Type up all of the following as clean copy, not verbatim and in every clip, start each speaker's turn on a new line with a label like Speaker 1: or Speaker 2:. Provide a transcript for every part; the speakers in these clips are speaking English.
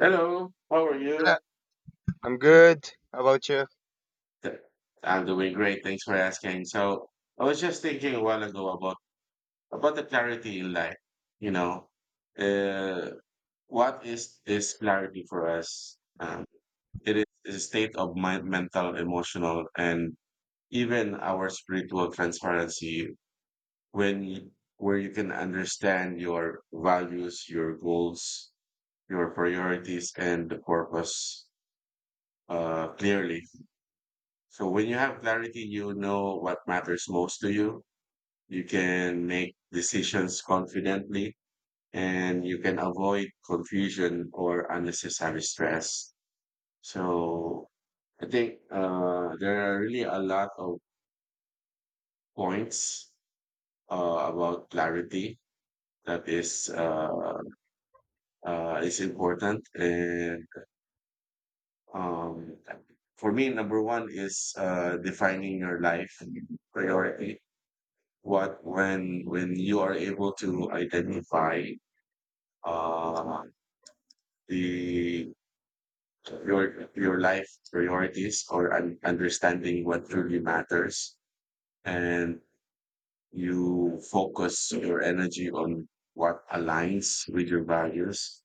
Speaker 1: Hello, how are
Speaker 2: Uh,
Speaker 1: you?
Speaker 2: I'm good. How about you?
Speaker 1: Th- I'm doing great. Thanks for asking. So, I was just thinking a while ago about the clarity in life. You know, uh, what is clarity for us? It is a state of mind, mental, emotional, and even our spiritual transparency when you, where you can understand your values, your goals, your priorities, and the purpose clearly. So when you have clarity, you know what matters most to you. You can make decisions confidently and you can avoid confusion or unnecessary stress. So I think there are really a lot of points about clarity that is important. And um, for me, number one is defining your life priority. What when when you are able to identify uh the your life priorities or understanding what truly matters, and you focus your energy on what aligns with your values.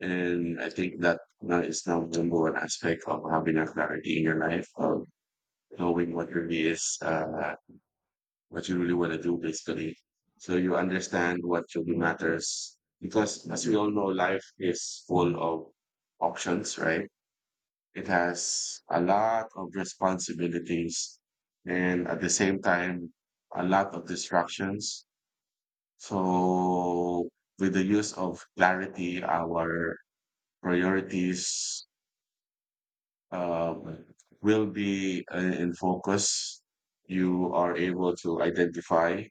Speaker 1: And I think that now the number one aspect of having a clarity in your life, of knowing what really is, what you really want to do basically. So you understand what really matters, because as we all know, life is full of options, right? It has a lot of responsibilities, and at the same time a lot of distractions. So with the use of clarity, our priorities, um, will be in focus. You are able to identify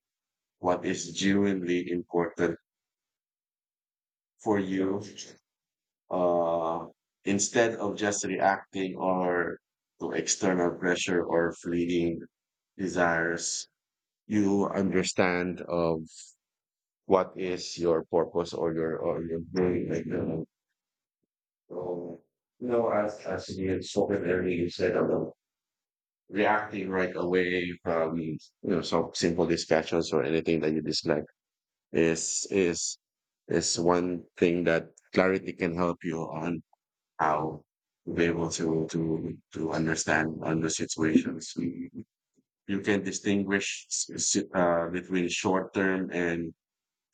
Speaker 1: what is genuinely important for you, uh, instead of just reacting or to external pressure or fleeting desires. You understand of what is your purpose or your doing, like the. So, you know, as you had spoken earlier, you said about reacting right away from some simple discussions or anything that you dislike is is is one thing that clarity can help you on, how to be able to understand on the situations. You can distinguish between short term and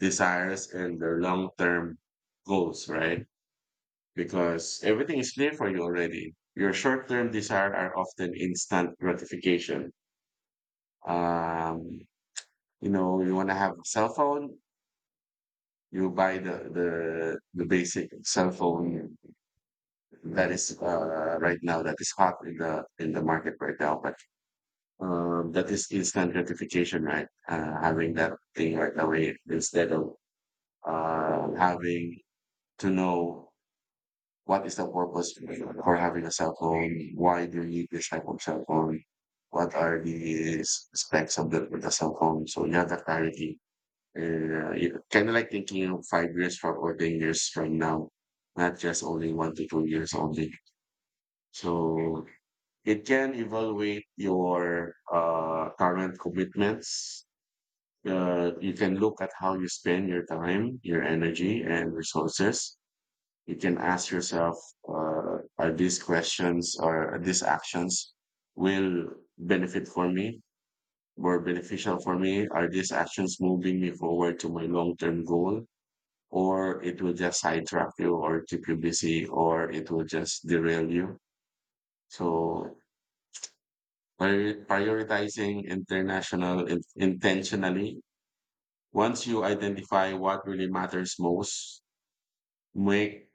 Speaker 1: desires and their long term goals, right? Because everything is clear for you already. Your short term desire are often instant gratification. Um, you know, you want to have a cell phone. You buy the basic cell phone that is right now, that is hot in the market right now. But that is instant gratification, right? Having that thing right away instead of having to know what is the purpose for having a cell phone, why do you need this type of cell phone, what are the specs of the cell phone. So you have that clarity. And you know, kind of like thinking of 5 years from or 10 years from now, not just only 1 to 2 years only. So it can evaluate your current commitments. You can look at how you spend your time, your energy, and resources. You can ask yourself, are these questions or these actions will benefit for me, were beneficial for me? Are these actions moving me forward to my long-term goal? Or it will just sidetrack you or keep you busy or it will just derail you. So prioritizing international, intentionally, once you identify what really matters most, make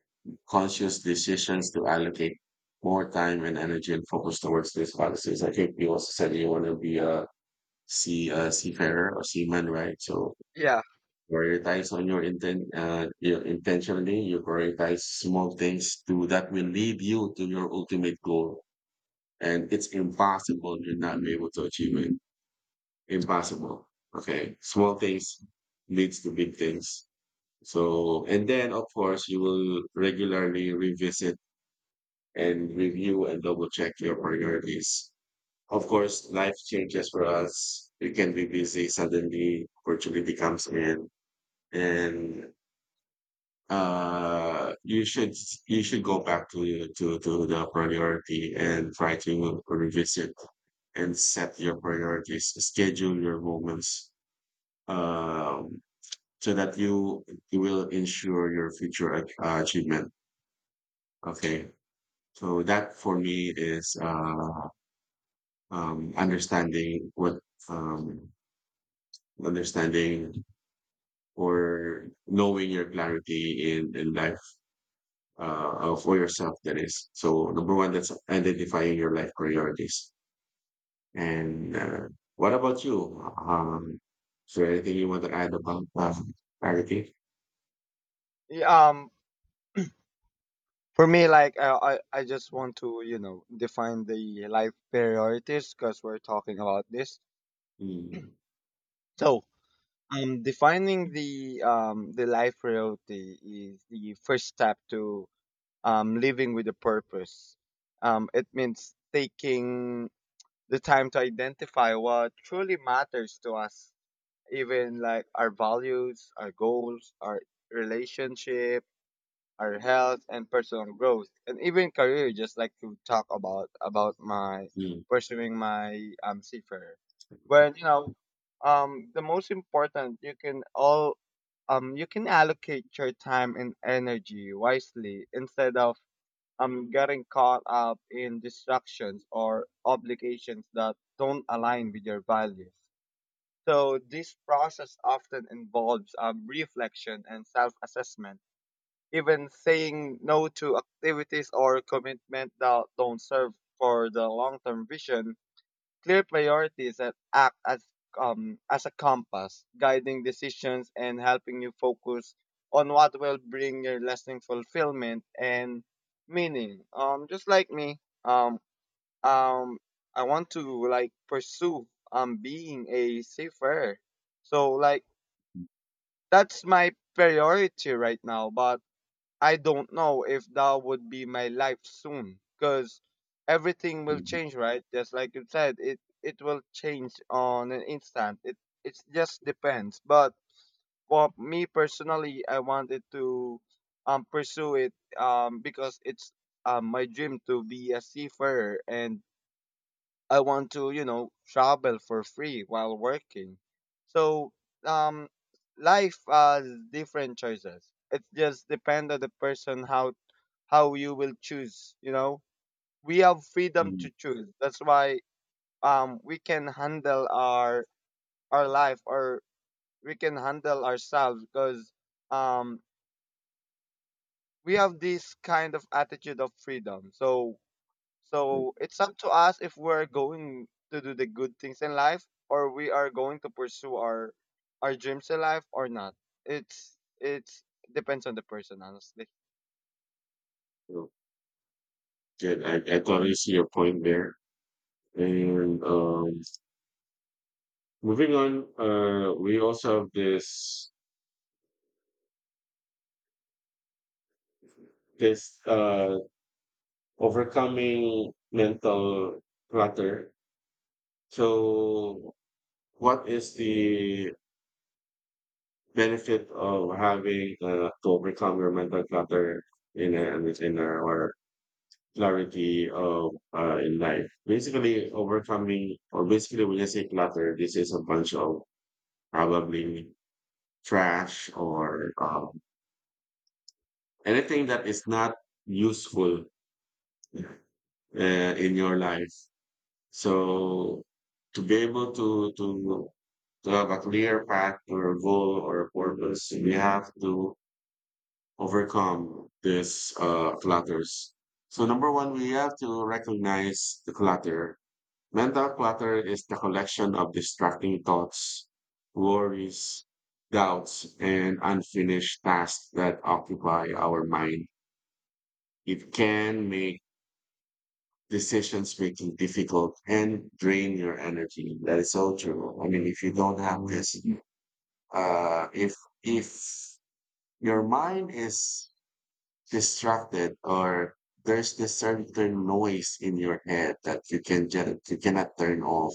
Speaker 1: conscious decisions to allocate more time and energy and focus towards these policies. I think you also said you want to be a seafarer or seaman, right? So
Speaker 2: Yeah.
Speaker 1: prioritize on your intentionally you prioritize small things to that will lead you to your ultimate goal, and it's impossible you're not able to achieve it. Impossible. Okay, small things leads to big things. So and then of course you will regularly revisit and review and double check your priorities. Of course life changes for us. You can be busy, suddenly opportunity comes in, and you should, you should go back to the priority and try to revisit and set your priorities, schedule your moments, um so that you will ensure your future achievement. Okay. So that for me is understanding what, um understanding or knowing your clarity in life, for yourself. That is so number one, that's identifying your life priorities. And what about you? um is there anything you want to add about clarity?
Speaker 2: Yeah. For me, like I just want to define the life priorities because we're talking about this.
Speaker 1: mm,
Speaker 2: So, defining the life priority is the first step to living with a purpose. It means taking the time to identify what truly matters to us, even like our values, our goals, our relationship, our health and personal growth, and even career, just like to talk about my
Speaker 1: mm,
Speaker 2: pursuing my seafarer. But the most important, you can allocate your time and energy wisely instead of getting caught up in distractions or obligations that don't align with your values. So this process often involves reflection and self-assessment, even saying no to activities or commitment that don't serve for the long-term vision. Clear priorities that act as a compass, guiding decisions and helping you focus on what will bring your lasting fulfillment and meaning. Just like me, um I want to like pursue being a seafarer. So like that's my priority right now, but I don't know if that would be my life soon because everything will
Speaker 1: mm,
Speaker 2: change, right? Just like you said, it will change on an instant. It just depends. But for me personally, I wanted to pursue it because it's my dream to be a seafarer and I want to travel for free while working. So, um, life has different choices. It just depends on the person how you will choose. We have freedom
Speaker 1: mm,
Speaker 2: to choose. That's why we can handle our life, or we can handle ourselves because um we have this kind of attitude of freedom. So
Speaker 1: mm.
Speaker 2: So it's up to us if we're going to do the good things in life or we are going to pursue our dreams in life or not. It's depends on the person, honestly.
Speaker 1: So, good, I, totally see your point there, and moving on, we also have this overcoming mental clutter. So what is the benefit of having to overcome your mental clutter in a inner or clarity of in life? Basically, overcoming, or basically when you say clutter, this is a bunch of probably trash or anything that is not useful in your life. So to be able to have a clear path or a goal or a purpose, we have to overcome this clutters. So number one, we have to recognize the clutter. Mental clutter is the collection of distracting thoughts, worries, doubts, and unfinished tasks that occupy our mind. It can make decisions making difficult and drain your energy. That is so true. I mean, if you don't have this, uh, if if your mind is distracted, or there's this certain noise in your head that you can get, you cannot turn off,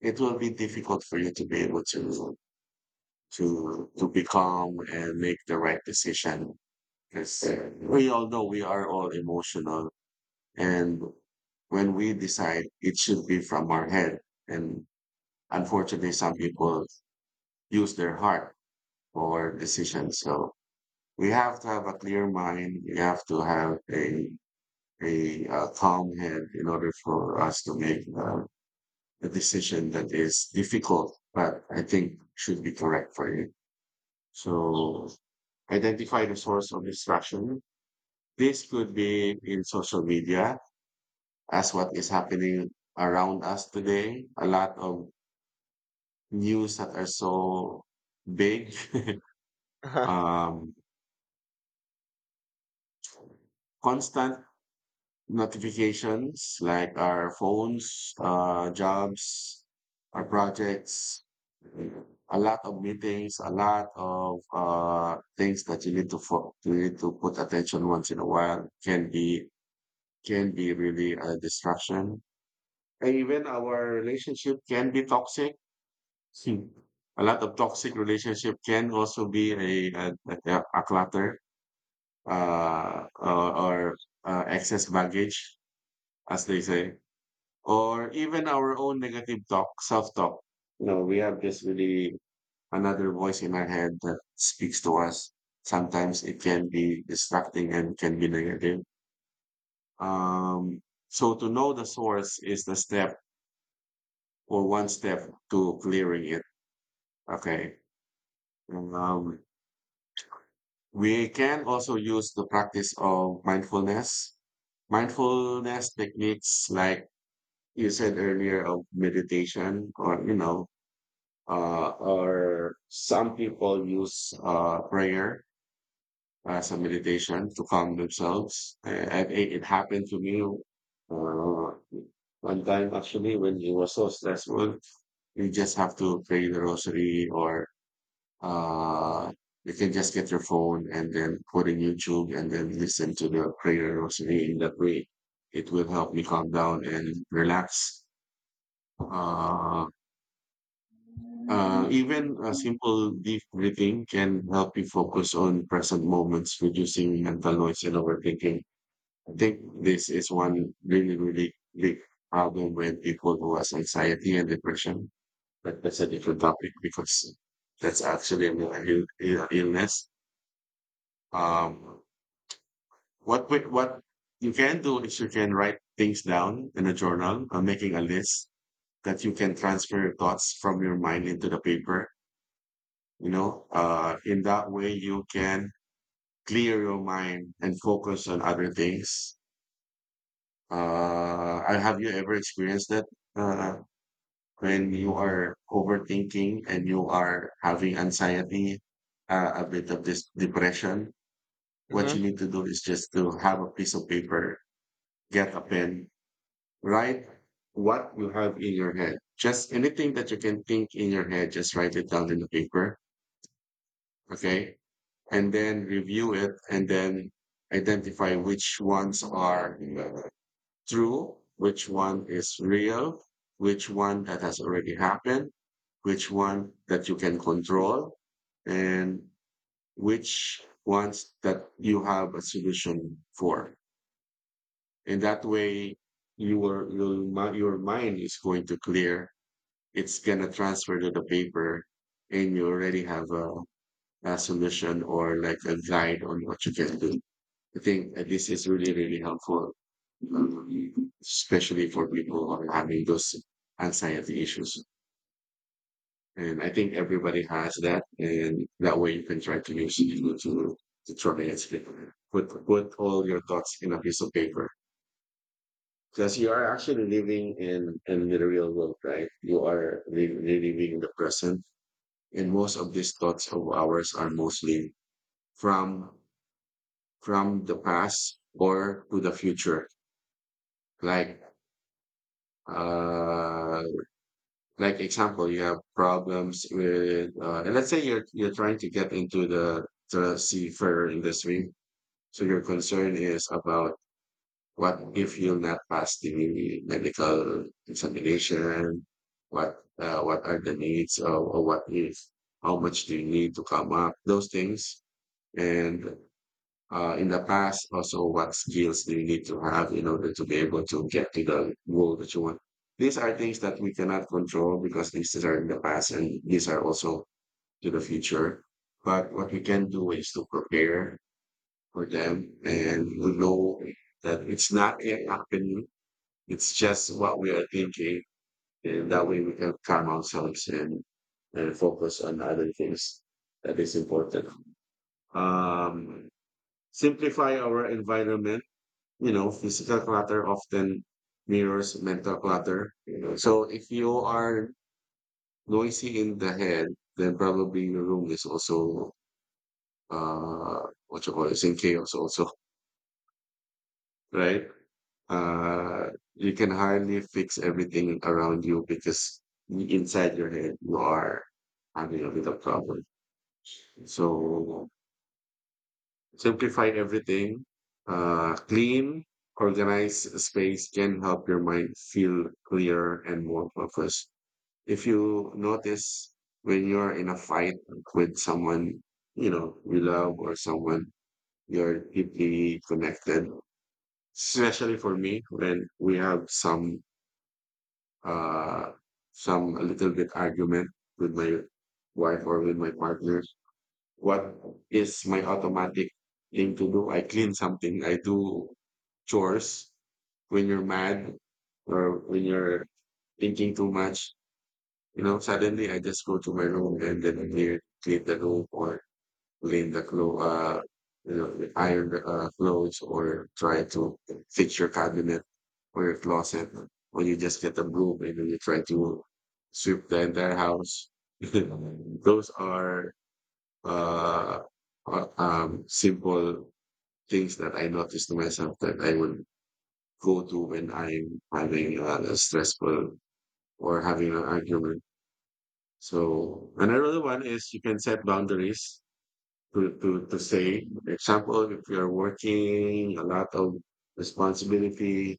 Speaker 1: it will be difficult for you to be able to be calm and make the right decision. Because we all know we are all emotional, and when we decide, it should be from our head. And unfortunately, some people use their heart for decisions. So we have to have a clear mind. We have to have a calm head in order for us to make a decision that is difficult, but I think should be correct for you. So identify the source of distraction. This could be in social media, as what is happening around us today. A lot of news that are so big, um, constant notifications like our phones, jobs, our projects, a lot of meetings, a lot of things that you need to you need to put attention once in a while can be, can be really a distraction. And even our relationship can be toxic. Hmm. A lot of toxic relationship can also be a clutter, or excess baggage, as they say, or even our own negative talk, self talk. You know, we have this really another voice in our head that speaks to us. Sometimes it can be distracting and can be negative. Um, so to know the source is the step or one step to clearing it. Okay. Um, we can also use the practice of mindfulness. Mindfulness techniques like you said earlier, of meditation, or, you know, or some people use prayer as a meditation to calm themselves. And it, it happened to me one time actually when it was so stressful. You just have to pray the rosary, or uh, you can just get your phone and then put in YouTube and then listen to the prayer rosary. In that way, it will help me calm down and relax. Uh, Even a simple deep breathing can help you focus on present moments, reducing mental noise and overthinking. I think this is one really, really big problem with people who has anxiety and depression. But that's a different topic because that's actually a mental illness. Um, what what you can do is you can write things down in a journal, making a list, that you can transfer your thoughts from your mind into the paper. You know, in that way you can clear your mind and focus on other things. Have you ever experienced that? uh when you are overthinking and you are having anxiety, a bit of this depression, what
Speaker 2: hmm.
Speaker 1: you need to do is just to have a piece of paper, get a pen, write what you have in your head, just anything that you can think in your head, just write it down in the paper. Okay. And then review it, and then identify which ones are true, which one is real, which one that has already happened, which one that you can control, and which ones that you have a solution for. And that way, your mind is going to clear. It's going to transfer to the paper, and you already have a solution or like a guide on what you can do. I think this is really, really helpful, especially for people who are having those anxiety issues. And I think everybody has that, and that way you can try to use it to try and speak. Put all your thoughts in a piece of paper, because you are actually living in the real world, right? You are living in the present, and most of these thoughts of ours are mostly from from the past or to the future. Like, uh, like example, you have problems with, and let's say you're trying to get into the seafarer industry. So your concern is about what if you'll not pass the medical examination? What are the needs, or what if? How much do you need to come up? Those things, and in the past, also what skills do you need to have in order to be able to get to the goal that you want. These are things that we cannot control because these are in the past and these are also to the future. But what we can do is to prepare for them and we know that it's not yet happening. It's just what we are thinking. And that way we can calm ourselves and focus on other things that is important. Um, Simplify our environment. You know, physical clutter often mirrors mental clutter. You know, so if you are noisy in the head, then probably your room is also uh what you call it, is in chaos also, right? Uh, you can hardly fix everything around you because inside your head you are having a bit of problem. So simplify everything, uh, clean organized space can help your mind feel clearer and more focused. If you notice when you're in a fight with someone you know you love or someone you're deeply connected, especially for me when we have uh some a little bit argument with my wife or with my partner, what is my automatic thing to do? I clean something, I do chores. When you're mad or when you're thinking too much, you know, suddenly I just go to my room and then clean the room, or clean the clothes, you know, iron the clothes, or try to fix your cabinet or your closet, when you just get a broom and then you try to sweep the entire house. Those are uh, simple things that I notice to myself that I would go to when I'm having a stressful or having an argument. So another one is you can set boundaries to, to say, for example, if you're working a lot of responsibility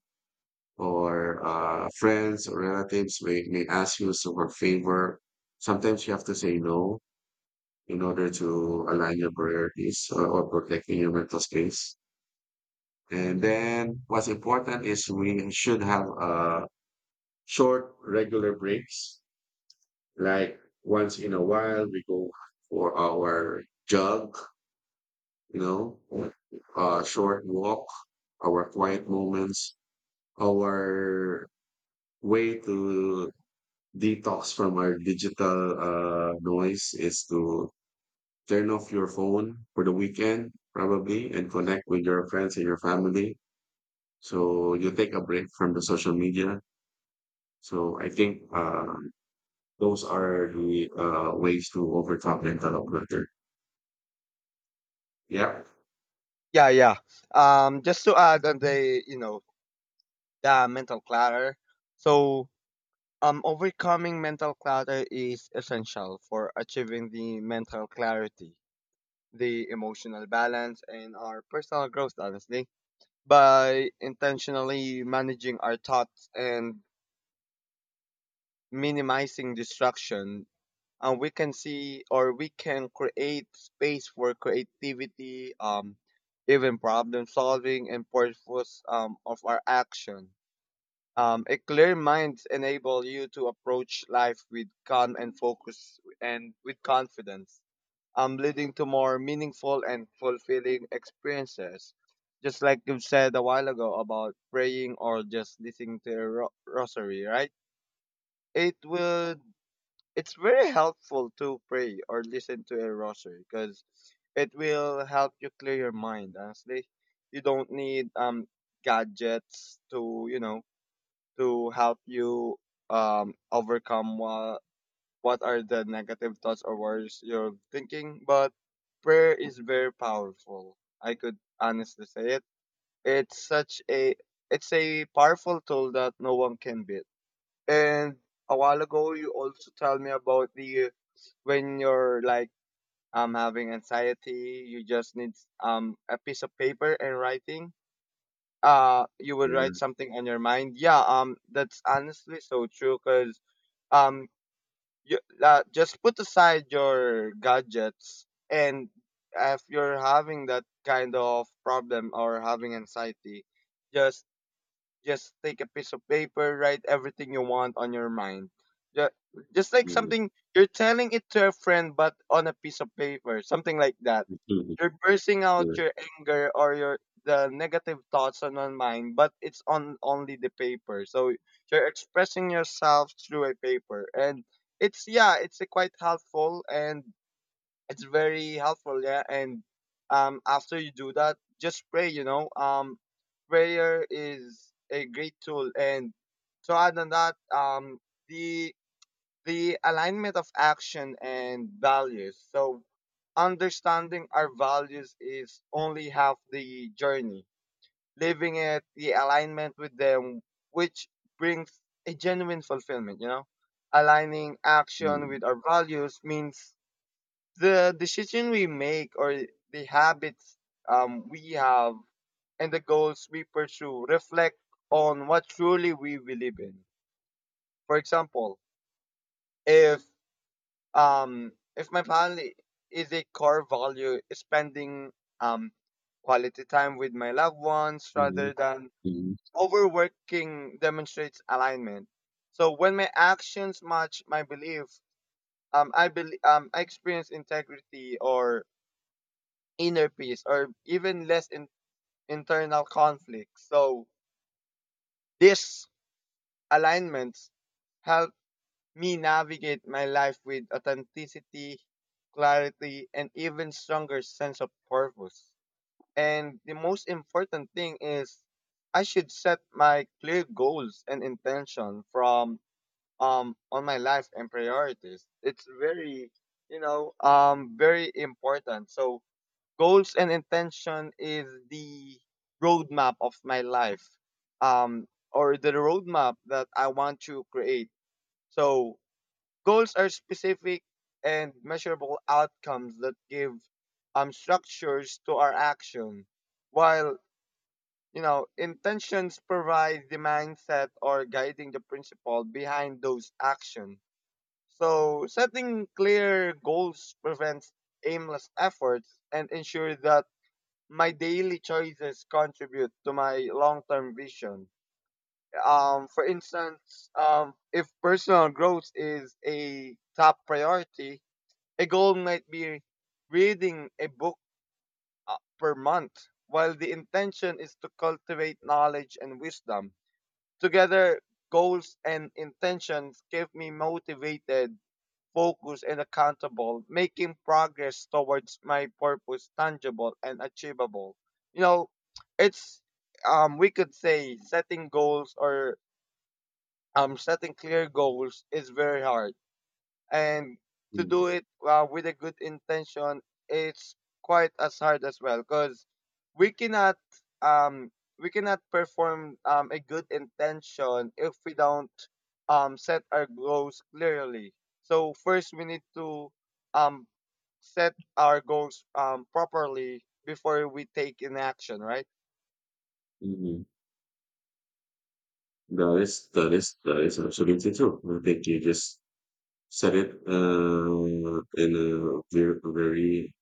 Speaker 1: or friends or relatives may ask you some for favor, sometimes you have to say no in order to align your priorities, or protecting your mental space. And then what's important is we should have short, regular breaks. Like once in a while, we go for our jog, you know, a short walk, our quiet moments, our way to detox from our digital noise is to turn off your phone for the weekend, probably, and connect with your friends and your family. So you take a break from the social media. So I think those are the ways to overcome mental clutter. Yeah.
Speaker 2: Yeah, yeah. Just to add on the you know the mental clutter. So overcoming mental clutter is essential for achieving the mental clarity, the emotional balance, and our personal growth. Honestly, by intentionally managing our thoughts and minimizing distraction, and we can see, or we can create, space for creativity, even problem solving and purpose of our action. A clear mind enable you to approach life with calm and focus and with confidence, leading to more meaningful and fulfilling experiences. Just like you said a while ago about praying or just listening to a rosary, right? It would it's very helpful to pray or listen to a rosary because it will help you clear your mind. Honestly, you don't need gadgets to to help you overcome what are the negative thoughts or words you're thinking, but prayer is very powerful. I could honestly say it. It's such a it's a powerful tool that no one can beat. And a while ago you also tell me about the when you're like having anxiety, you just need a piece of paper and writing. You would write something on your mind. Yeah, that's honestly so true, cuz um you, just put aside your gadgets, and if you're having that kind of problem or having anxiety, just just take a piece of paper, write everything you want on your mind. Ju- Just like
Speaker 1: Mm,
Speaker 2: something you're telling it to a friend, but on a piece of paper, something like that.
Speaker 1: mm,
Speaker 2: You're bursting out your anger or your the negative thoughts on your mind, but it's on only the paper. So you're expressing yourself through a paper, and it's, yeah, it's a quite helpful, and it's very helpful, yeah. And after you do that, just pray. Prayer is a great tool. And so other than that, the the alignment of action and values. So understanding our values is only half the journey. Living it, the alignment with them, which brings a genuine fulfillment. Aligning action
Speaker 1: mm,
Speaker 2: with our values means the decision we make or the habits we have and the goals we pursue reflect on what truly we believe in. For example, if if my family is a core value, is spending um, quality time with my loved ones
Speaker 1: mm,
Speaker 2: rather than
Speaker 1: mm,
Speaker 2: overworking, demonstrates alignment. So when my actions match my belief, I believe I experience integrity or inner peace, or even less internal conflict. So these alignments help me navigate my life with authenticity, clarity, and even stronger sense of purpose. And the most important thing is, I should set my clear goals and intention from on my life and priorities. It's very very important. So goals and intention is the roadmap of my life, or the roadmap that I want to create. So goals are specific and measurable outcomes that give structures to our action, while intentions provide the mindset or guiding the principle behind those actions. So setting clear goals prevents aimless efforts and ensure that my daily choices contribute to my long-term vision. For instance, if personal growth is a top priority, a goal might be reading a book per month, while the intention is to cultivate knowledge and wisdom. Together, goals and intentions keep me motivated, focused, and accountable, making progress towards my purpose tangible and achievable. You know, it's we could say setting goals, or setting clear goals, is very hard, and to
Speaker 1: mm,
Speaker 2: do it with a good intention, it's quite as hard as well, because we cannot um we cannot perform a good intention if we don't set our goals clearly. So first we need to um set our goals properly before we take an action, right?
Speaker 1: mm, mm. That is absolutely true. I think you just said it in a very, very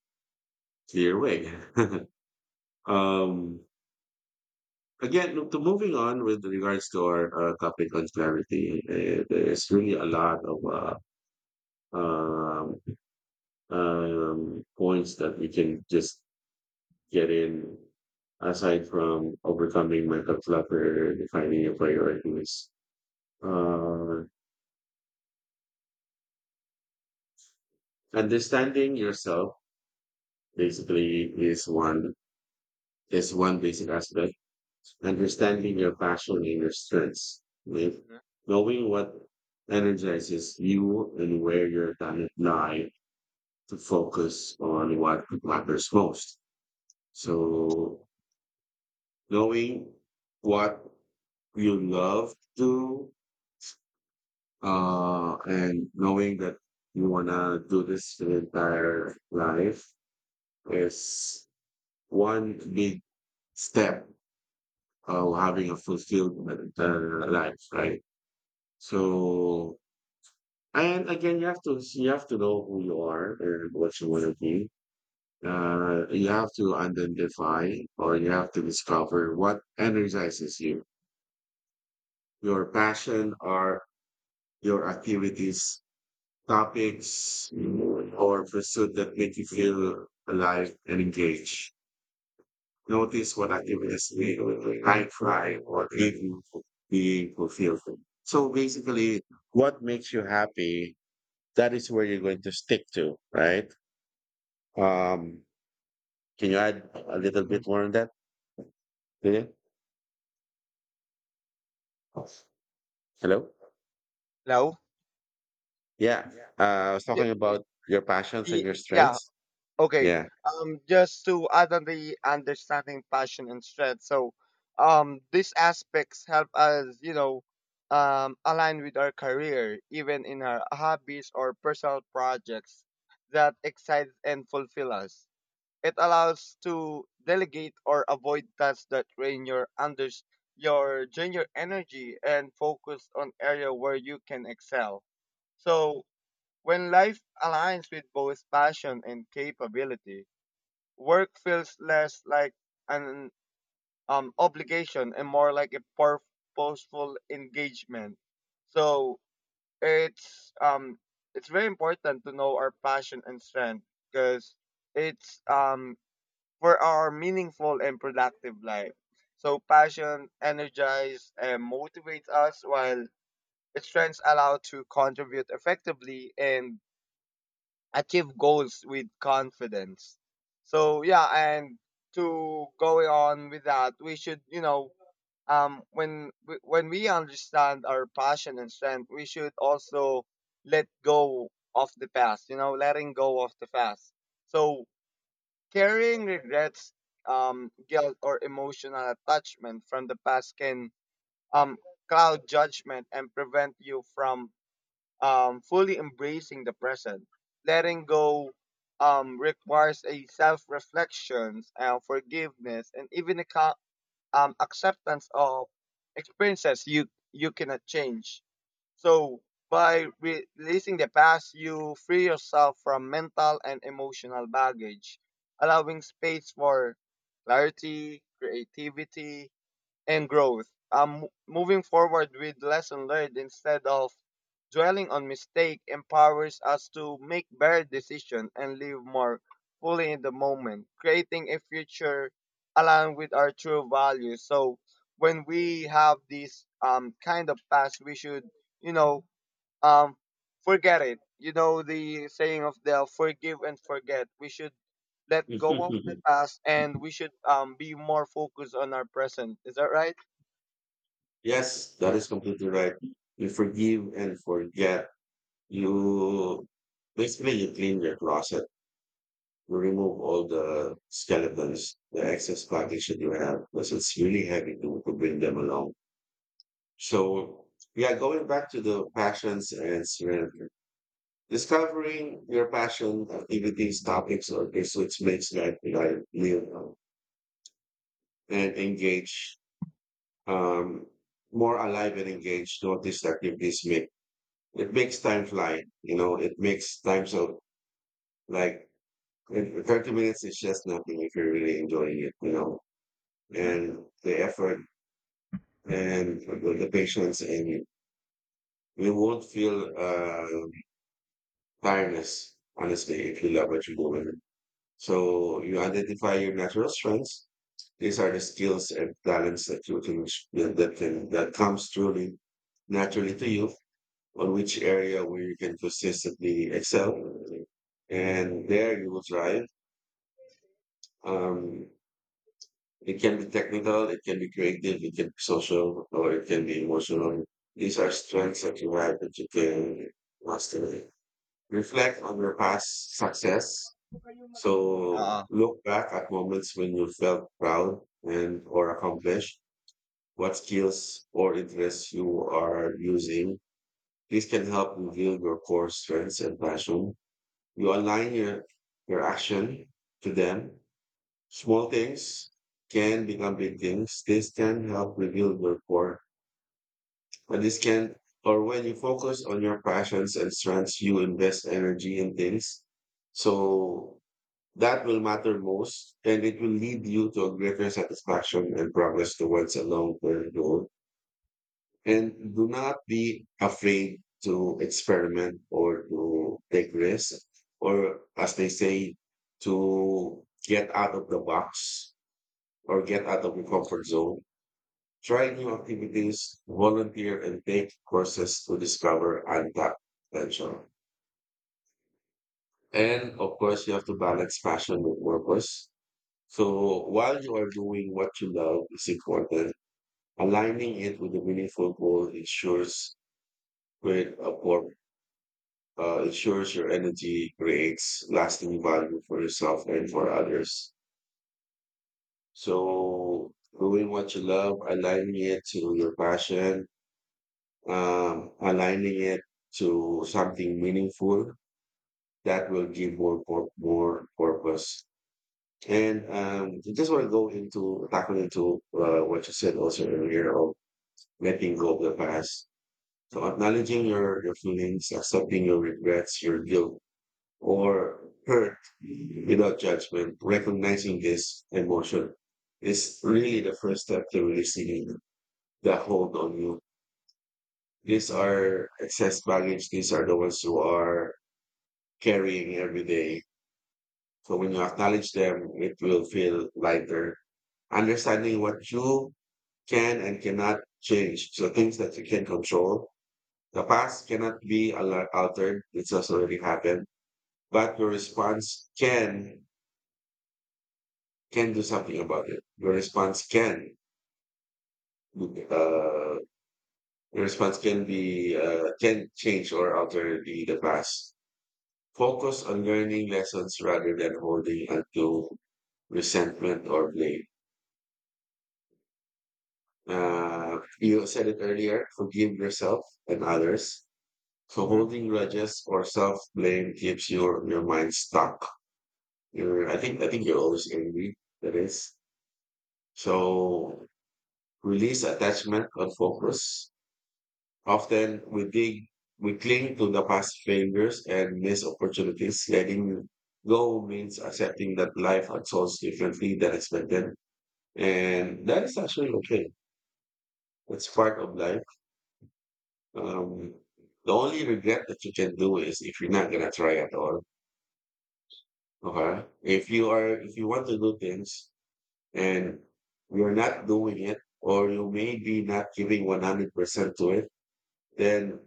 Speaker 1: clear way. um, again, to moving on with regards to our topic on clarity, there's really a lot of um, points that we can just get in aside from overcoming mental clutter, defining your priorities. Uh, understanding yourself basically is one basic aspect. Understanding your passion and your strengths. With
Speaker 2: Mhm.
Speaker 1: knowing what energizes you and where your talent lie, to focus on what matters most. So knowing what you love to and knowing that you wanna do this your entire life is one big step of having a fulfilled life, right? So, and again, you have to know who you are and what you want to be. You have to identify, or you have to discover what energizes you, your passion or your activities, topics, or pursuit that make you feel alive and engaged. Notice what activities make I try or give you being fulfilled. So basically, what makes you happy, that is where you're going to stick to, right? Um, can you add a little bit more on that? Lillian? Hello?
Speaker 2: Hello?
Speaker 1: Yeah. I was
Speaker 2: Yeah,
Speaker 1: talking about your passions and your
Speaker 2: yeah.
Speaker 1: strengths.
Speaker 2: Okay.
Speaker 1: Yeah.
Speaker 2: Just to add on the understanding passion and strength. So, these aspects help us, align with our career, even in our hobbies or personal projects that excite and fulfill us. It allows to delegate or avoid tasks that drain your energy and focus on area where you can excel. So when life aligns with both passion and capability, work feels less like an obligation and more like a purposeful engagement. So it's um it's very important to know our passion and strength, because it's for our meaningful and productive life. So passion energizes and motivates us, while its strengths allow to contribute effectively and achieve goals with confidence. So yeah, and to going on with that, we should you know when we understand our passion and strength, we should also let go of the past. Letting go of the past. So carrying regrets, guilt, or emotional attachment from the past can um cloud judgment and prevent you from fully embracing the present. Letting go requires a self reflection, forgiveness, and even a acceptance of experiences you cannot change. So, by releasing the past, you free yourself from mental and emotional baggage, allowing space for clarity, creativity, and growth. I'm moving forward with lesson learned instead of dwelling on mistake empowers us to make better decisions and live more fully in the moment, creating a future aligned with our true values. So when we have this kind of past, we should you know um forget it. You know the saying of the forgive and forget. We should let
Speaker 1: Yes,
Speaker 2: go of the past, and we should be more focused on our present. Is that right?
Speaker 1: that is completely right. You forgive and forget. You basically, you clean your closet, you remove all the skeletons, the excess baggage that you have, because it's really heavy to bring them along. So yeah, going back to the passions and surrender. Discovering your passion, activities, topics, or this which makes life live and engage, um more alive and engaged. Notice activities make it makes time fly, you know, it makes time so like, if 30 minutes is just nothing if you're really enjoying it, you know,
Speaker 2: Hmm.
Speaker 1: and the effort and the patience and it. You won't feel tiredness, honestly, if you love what you're doing. So you identify your natural strengths. These are the skills and talents that you can that comes truly naturally to you, on which area where you can consistently excel, and there you will thrive. Um, It can be technical, it can be creative, it can be social, or it can be emotional. These are strengths that you have that you can master. Reflect on your past success. So
Speaker 2: Uh,
Speaker 1: look back at moments when you felt proud and or accomplished. What skills or interests you are using. This can help reveal your core strengths and passion. You align your action to them. Small things can become big things. This can help rebuild your core. But this can, or when you focus on your passions and strengths, you invest energy in things. So that will matter most and it will lead you to a greater satisfaction and progress towards a long term goal. And do not be afraid to experiment or to take risks, or as they say, to get out of the box or get out of your comfort zone. Try new activities, volunteer, and take courses to discover untapped potential. And of course, you have to balance passion with purpose. So while you are doing what you love is important, aligning it with a meaningful goal ensures great uh, por- ensures your energy creates lasting value for yourself and for others. So doing what you love, aligning it to your passion, aligning it to something meaningful, that will give more purpose. And I just want to go into tackling into what you said also earlier of letting go of the past. So
Speaker 2: hmm,
Speaker 1: acknowledging your feelings, accepting your regrets, your guilt or hurt without judgment, recognizing this emotion is really the first step to releasing the hold on you. These are excess baggage. These are the ones you are carrying every day. So when you acknowledge them, it will feel lighter. Understanding what you can and cannot change. So things that you can control. The past cannot be altered. It's just already happened. But your response can do something about it. Uh, your response can be can change or alter the past. Focus on learning lessons rather than holding onto resentment or blame. You said it earlier, forgive yourself and others. So
Speaker 2: hmm.
Speaker 1: holding grudges or self blame keeps your mind stuck. You're, I think you're always angry. That is so. Release attachment and focus. Often we dig, we cling to the past failures and missed opportunities, letting go means accepting that life unfolds differently than expected. And that is actually okay. It's part of life. Um, the only regret that you can do is if you're not gonna try at all. Okay. If you are, if you want to do things and you're not doing it, or you may be not giving 100% to it, then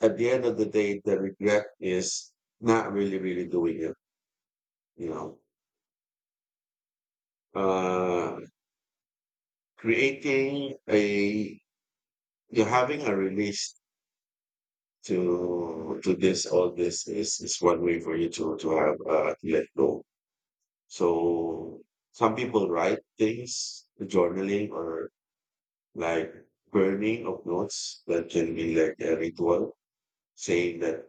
Speaker 1: at the end of the day, the regret is not really, really doing it, you know. Uh, creating a, you're having a release to this all this is one way for you to have to let go. So some people write things, journaling or like burning of notes, that can be like a ritual saying that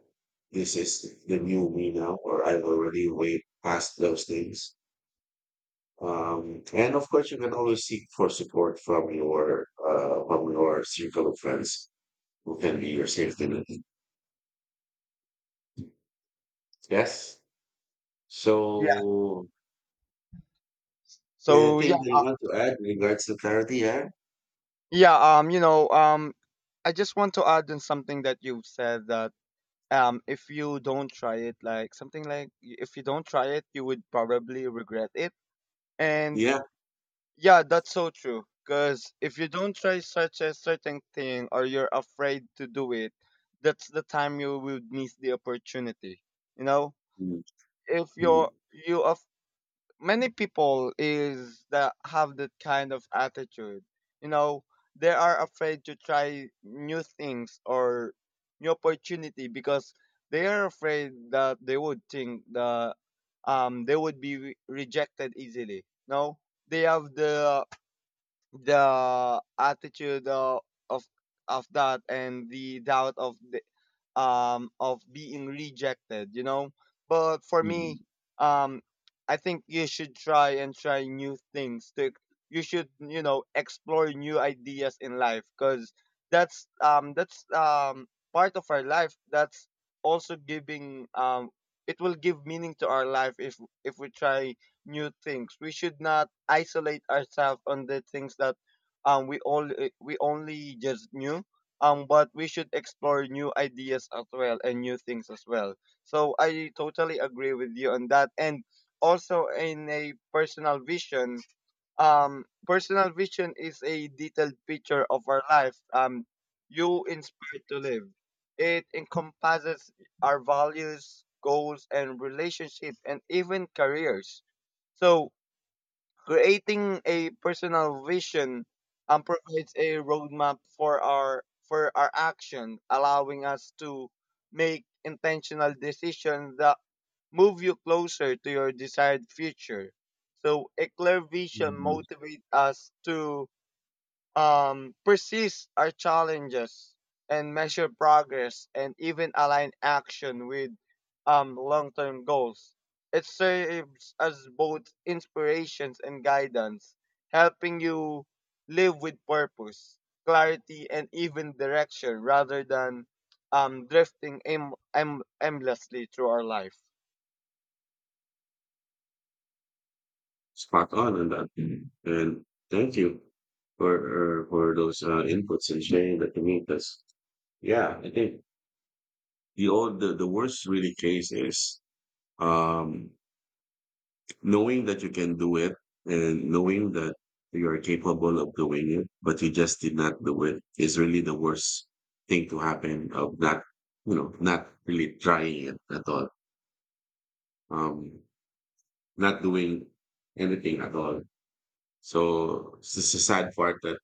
Speaker 1: this is the new me now, or I've already way past those things. And of course you can always seek for support from your circle of friends who can be your safety net. Yes.
Speaker 2: Yeah.
Speaker 1: So
Speaker 2: So
Speaker 1: anything
Speaker 2: yeah,
Speaker 1: that you want to add in regards to clarity, yeah?
Speaker 2: yeah. I just want to add in something that you've said, that if you don't try it, like something like if you don't try it, you would probably regret it. And
Speaker 1: Yeah.
Speaker 2: yeah, that's so true. Because if you don't try such a certain thing or you're afraid to do it, that's the time you would miss the opportunity. You know,
Speaker 1: Mhm,
Speaker 2: if you're
Speaker 1: mhm,
Speaker 2: you many people is that have that kind of attitude, you know they are afraid to try new things or new opportunity because they are afraid that they would think that they would be rejected easily. No, they have the attitude of of that, and the doubt of being rejected. But for
Speaker 1: mhm,
Speaker 2: me, um, I think you should try and try new things. You should explore new ideas in life, because that's, part of our life. That's also giving, it will give meaning to our life if we try new things. We should not isolate ourselves on the things that um, we all we only just knew but we should explore new ideas as well and new things as well, so I totally agree with you on that. And also in a personal vision, personal vision is a detailed picture of our life you inspired to live. It encompasses our values, goals, and relationship, and even careers. So creating a personal vision provides a roadmap for our action, allowing us to make intentional decisions that move you closer to your desired future. So a clear vision
Speaker 1: mhm.
Speaker 2: motivates us to persist our challenges and measure progress and even align action with long-term goals. It serves as both inspirations and guidance, helping you live with purpose, clarity, and even direction rather than drifting aimlessly through our life.
Speaker 1: Spot on that. Mhm. And thank you for for those inputs and sharing that to me. Because yeah, I think the worst really case is um, knowing that you can do it and knowing that you are capable of doing it, but you just did not do it is really the worst thing to happen of not not really trying it at all. um, Not doing anything at all. So it's just a sad part that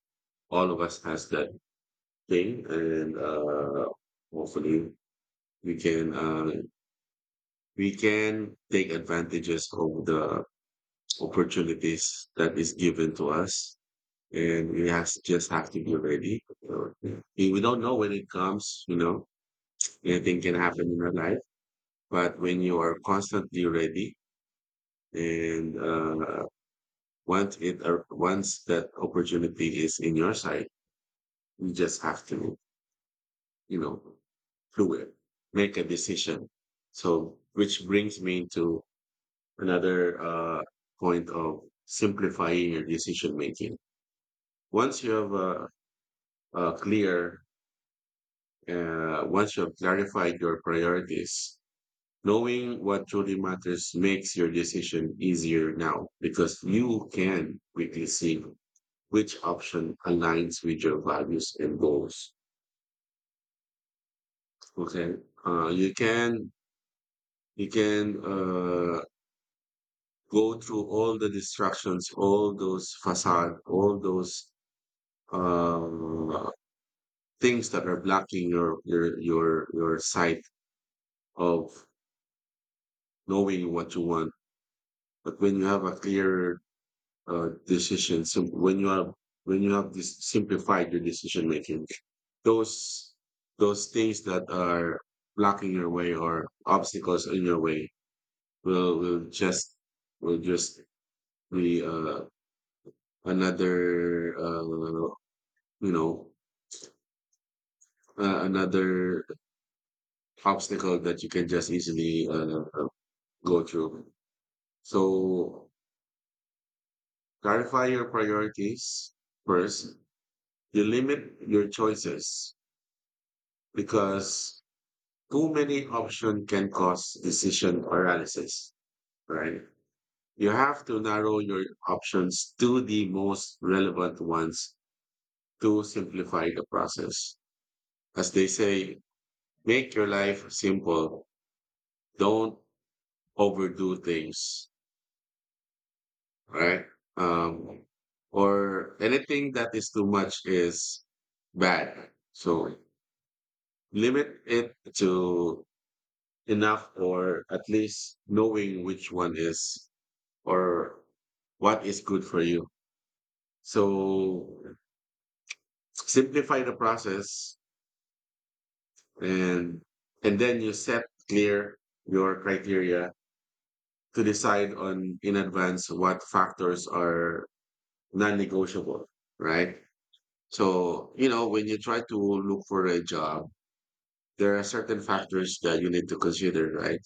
Speaker 1: all of us has that thing, and hopefully we can uh, we can take advantages of the opportunities that is given to us, and we has just have to be ready. So, we don't know when it comes, you know, anything can happen in our life, but when you are constantly ready and once that opportunity is in your side, you just have to, you know, do it, make a decision. So, which brings me to another point of simplifying your decision making. Once you have a clear, once you have clarified your priorities. Knowing what truly matters makes your decision easier now because you can quickly see which option aligns with your values and goals. Okay. Uh, you can you can go through all the distractions, all those facade, all those uh, things that are blocking your sight of knowing what you want. But when you have a clear decisions. So when you have this simplified your decision making, those those things that are blocking your way or obstacles in your way will just will just be another you know another obstacle that you can just easily go through. So clarify your priorities first. You limit your choices because too many options can cause decision paralysis, right? You have to narrow your options to the most relevant ones to simplify the process. As they say, make your life simple. Don't overdo things, right? Um, or anything that is too much is bad. So limit it to enough or at least knowing which one is or what is good for you. So simplify the process and and then you set clear your criteria to decide on in advance what factors are non-negotiable, right? So, you know, when you try to look for a job, there are certain factors that you need to consider, right?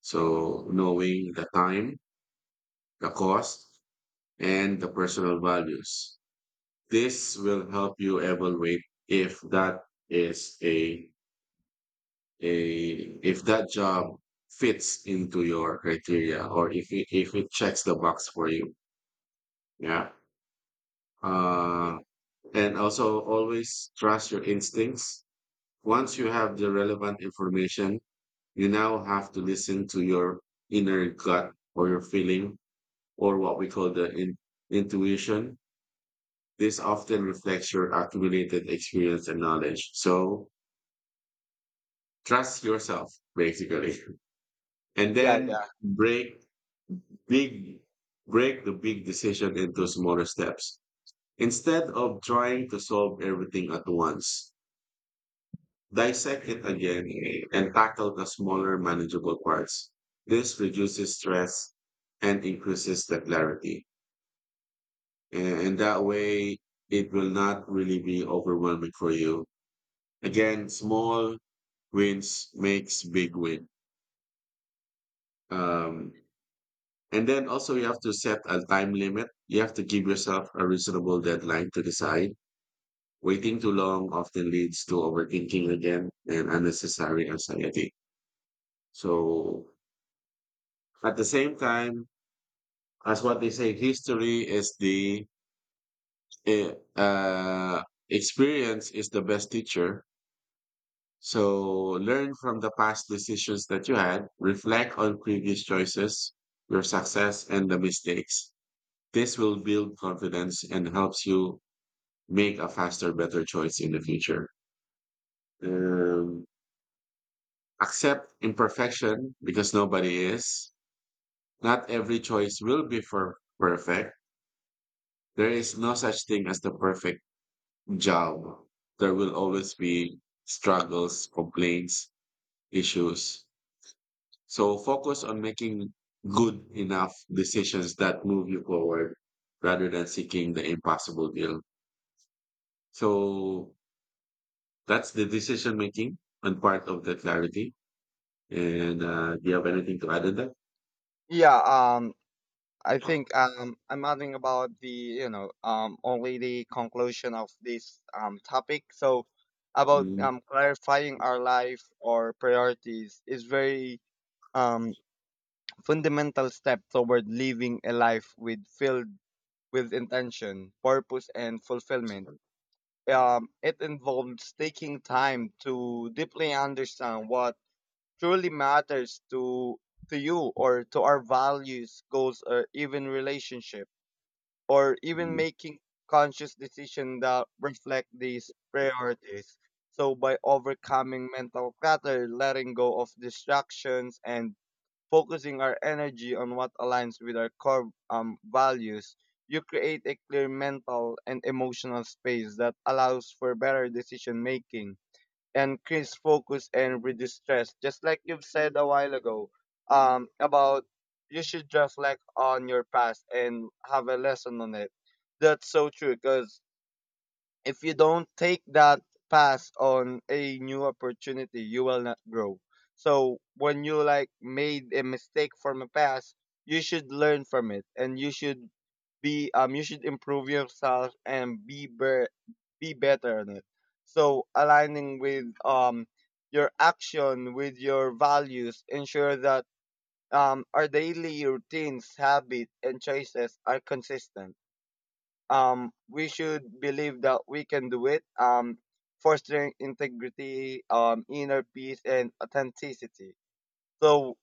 Speaker 1: So knowing the time, the cost, and the personal values. This will help you evaluate if that is a a if that job fits into your criteria or if it checks the box for you. Yeah.
Speaker 2: Mhm.
Speaker 1: Uh, and also always trust your instincts. Once you have the relevant information, you now have to listen to your inner gut or your feeling or what we call intuition. This often reflects your accumulated experience and knowledge. So trust yourself basically and
Speaker 2: Yeah,
Speaker 1: then
Speaker 2: yeah,
Speaker 1: big break the big decision into smaller steps instead of trying to solve everything at once, dissect it again and tackle the smaller manageable parts. This reduces stress and increases the clarity, and that way it will not really be overwhelming for you. Again, small wins makes big win. um And then also you have to set a time limit. You have to give yourself a reasonable deadline to decide. Waiting too long often leads to overthinking again and unnecessary anxiety. So at the same time, as what they say, history is the eh, uh, experience is the best teacher. So learn from the past decisions that you had, reflect on previous choices, your success and the mistakes. This will build confidence and helps you make a faster, better choice in the future. Um, Accept imperfection because nobody is. Not every choice will be for perfect. There is no such thing as the perfect job. There will always be struggles, complaints, issues. So focus on making good enough decisions that move you forward rather than seeking the impossible deal. So that's the decision making and part of the clarity. And do you have anything to add in that?
Speaker 2: yeah. Um, I think I'm adding about the only the conclusion of this topic. So about
Speaker 1: Mm,
Speaker 2: clarifying our life or priorities is very um fundamental step toward living a life with filled with intention, purpose, and fulfillment. It involves taking time to deeply understand what truly matters to you or to our values, goals, or even relationship, or even
Speaker 1: mhm,
Speaker 2: making conscious decisions that reflect these priorities. So by overcoming mental clutter, letting go of distractions, and focusing our energy on what aligns with our core values, you create a clear mental and emotional space that allows for better decision making, increase focus, and reduce stress. Just like you've said a while ago about you should reflect on your past and have a lesson on it. That's so true because if you don't take that pass on a new opportunity, you will not grow. So when you like made a mistake from a past, you should learn from it, and you should be you should improve yourself and be better on it. So aligning with your action with your values ensure that our daily routines, habits, and choices are consistent, we should believe that we can do it, fostering integrity, inner peace, and authenticity. So,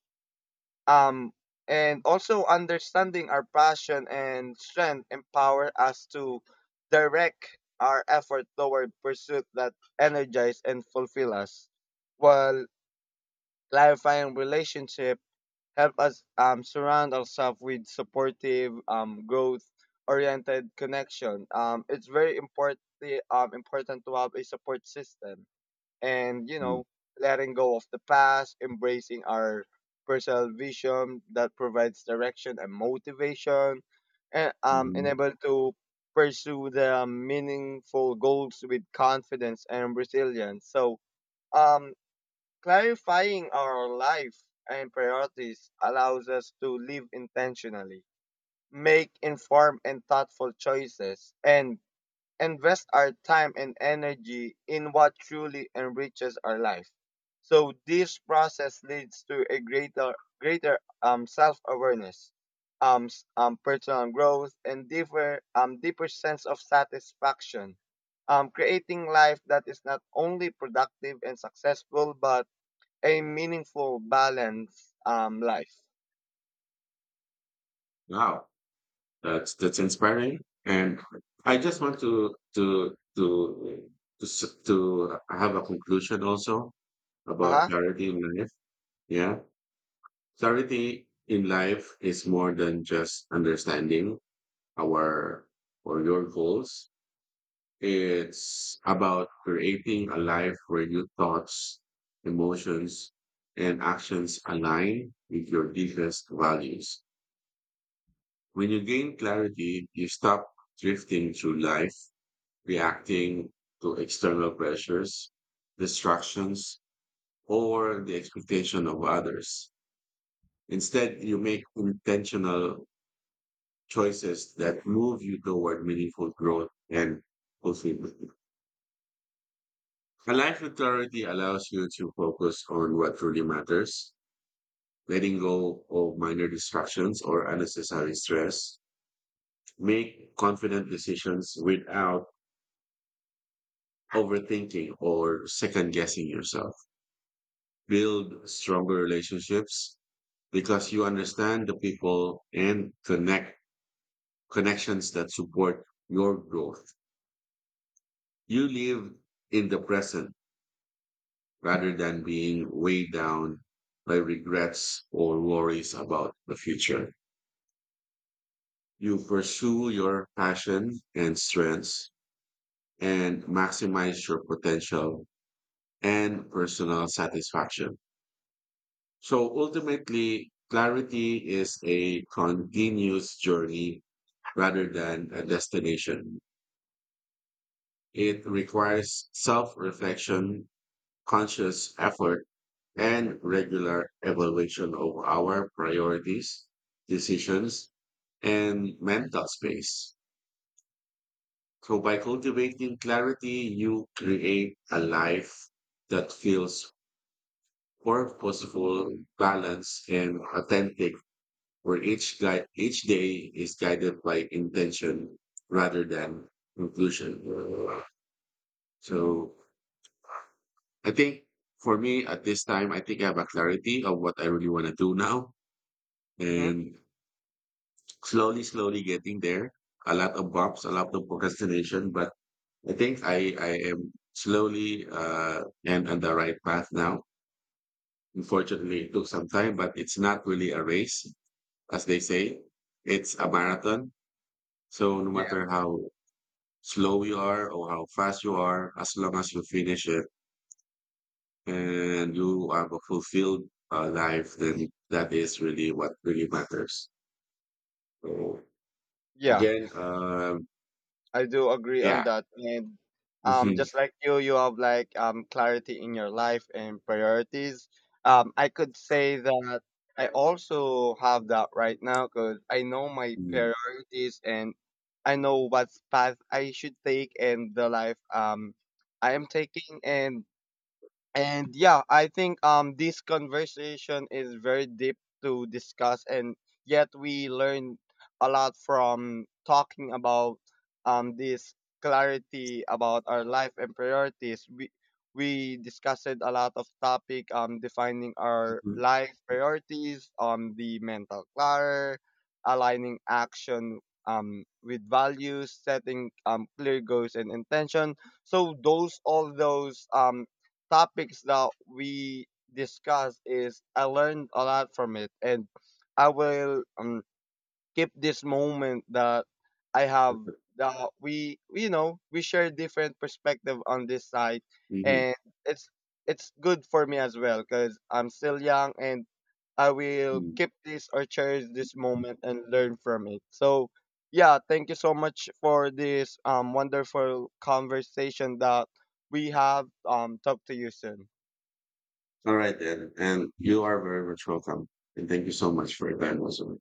Speaker 2: um, and also understanding our passion and strength empower us to direct our effort toward pursuit that energize and fulfill us, while clarifying relationship help us surround ourselves with supportive, growth-oriented connection. It's very important important to have a support system, and you
Speaker 1: mhm,
Speaker 2: know, letting go of the past, embracing our personal vision that provides direction and motivation, and
Speaker 1: mhm.
Speaker 2: enable to pursue the meaningful goals with confidence and resilience. So um clarifying our life and priorities allows us to live intentionally, make informed and thoughtful choices, and invest our time and energy in what truly enriches our life. So this process leads to a greater self-awareness, personal growth, and deeper deeper sense of satisfaction. Creating life that is not only productive and successful, but a meaningful, balanced life.
Speaker 1: Wow, that's inspiring. And I just want to have a conclusion also
Speaker 2: Uh
Speaker 1: about
Speaker 2: huh.
Speaker 1: clarity in life. Yeah, clarity in life is more than just understanding our or your goals. It's about creating a life where your thoughts, emotions, and actions align with your deepest values. When you gain clarity, you stop drifting through life, reacting to external pressures, distractions, or the expectation of others. Instead, you make intentional choices that move you toward meaningful growth and fulfillment. A life with clarity allows you to focus on what truly matters, letting go of minor distractions or unnecessary stress. Make confident decisions without overthinking or second guessing yourself. Build stronger relationships because you understand the people and connections that support your growth. You live in the present rather than being weighed down by regrets or worries about the future. You pursue your passion and strengths and maximize your potential and personal satisfaction. So ultimately, clarity is a continuous journey rather than a destination. It requires self reflection, conscious effort, and regular evaluation of our priorities, decisions, and mental space. So by cultivating clarity, you create a life that feels purposeful, balanced, and authentic, where each day is guided by intention rather than conclusion. So I think for me at this time, I think I have a clarity of what I really want to do now
Speaker 2: Mm-hmm.
Speaker 1: and slowly, slowly getting there. A lot of bumps, a lot of procrastination, but I think I am slowly and on the right path now. Unfortunately, it took some time, but it's not really a race, as they say. It's a marathon. So no
Speaker 2: Yeah.
Speaker 1: matter how slow you are or how fast you are, as long as you finish it and you have a fulfilled life, then that is really what really matters. So
Speaker 2: Yeah,
Speaker 1: again,
Speaker 2: I do agree on
Speaker 1: yeah.
Speaker 2: that. And
Speaker 1: Mhm.
Speaker 2: just like you have like clarity in your life and priorities. I could say that I also have that right now because I know my priorities, and I know what path I should take and the life I am taking. And yeah, I think this conversation is very deep to discuss, and yet we learn a lot from talking about this clarity about our life and priorities. We discussed a lot of topic, defining our
Speaker 1: Mhm.
Speaker 2: life priorities on the mental clutter, aligning action with values, setting clear goals and intention. So those all those topics that we discuss is I learned a lot from it, and I will keep this moment that I have, that we, you know, we share different perspective on this side.
Speaker 1: Mhm.
Speaker 2: And it's it's good for me as well because I'm still young, and I will
Speaker 1: Mhm.
Speaker 2: keep this or cherish this moment and learn from it. So yeah, thank you so much for this wonderful conversation that we have. Talk to you soon.
Speaker 1: All right then. And you are very much welcome. And thank you so much for your time also.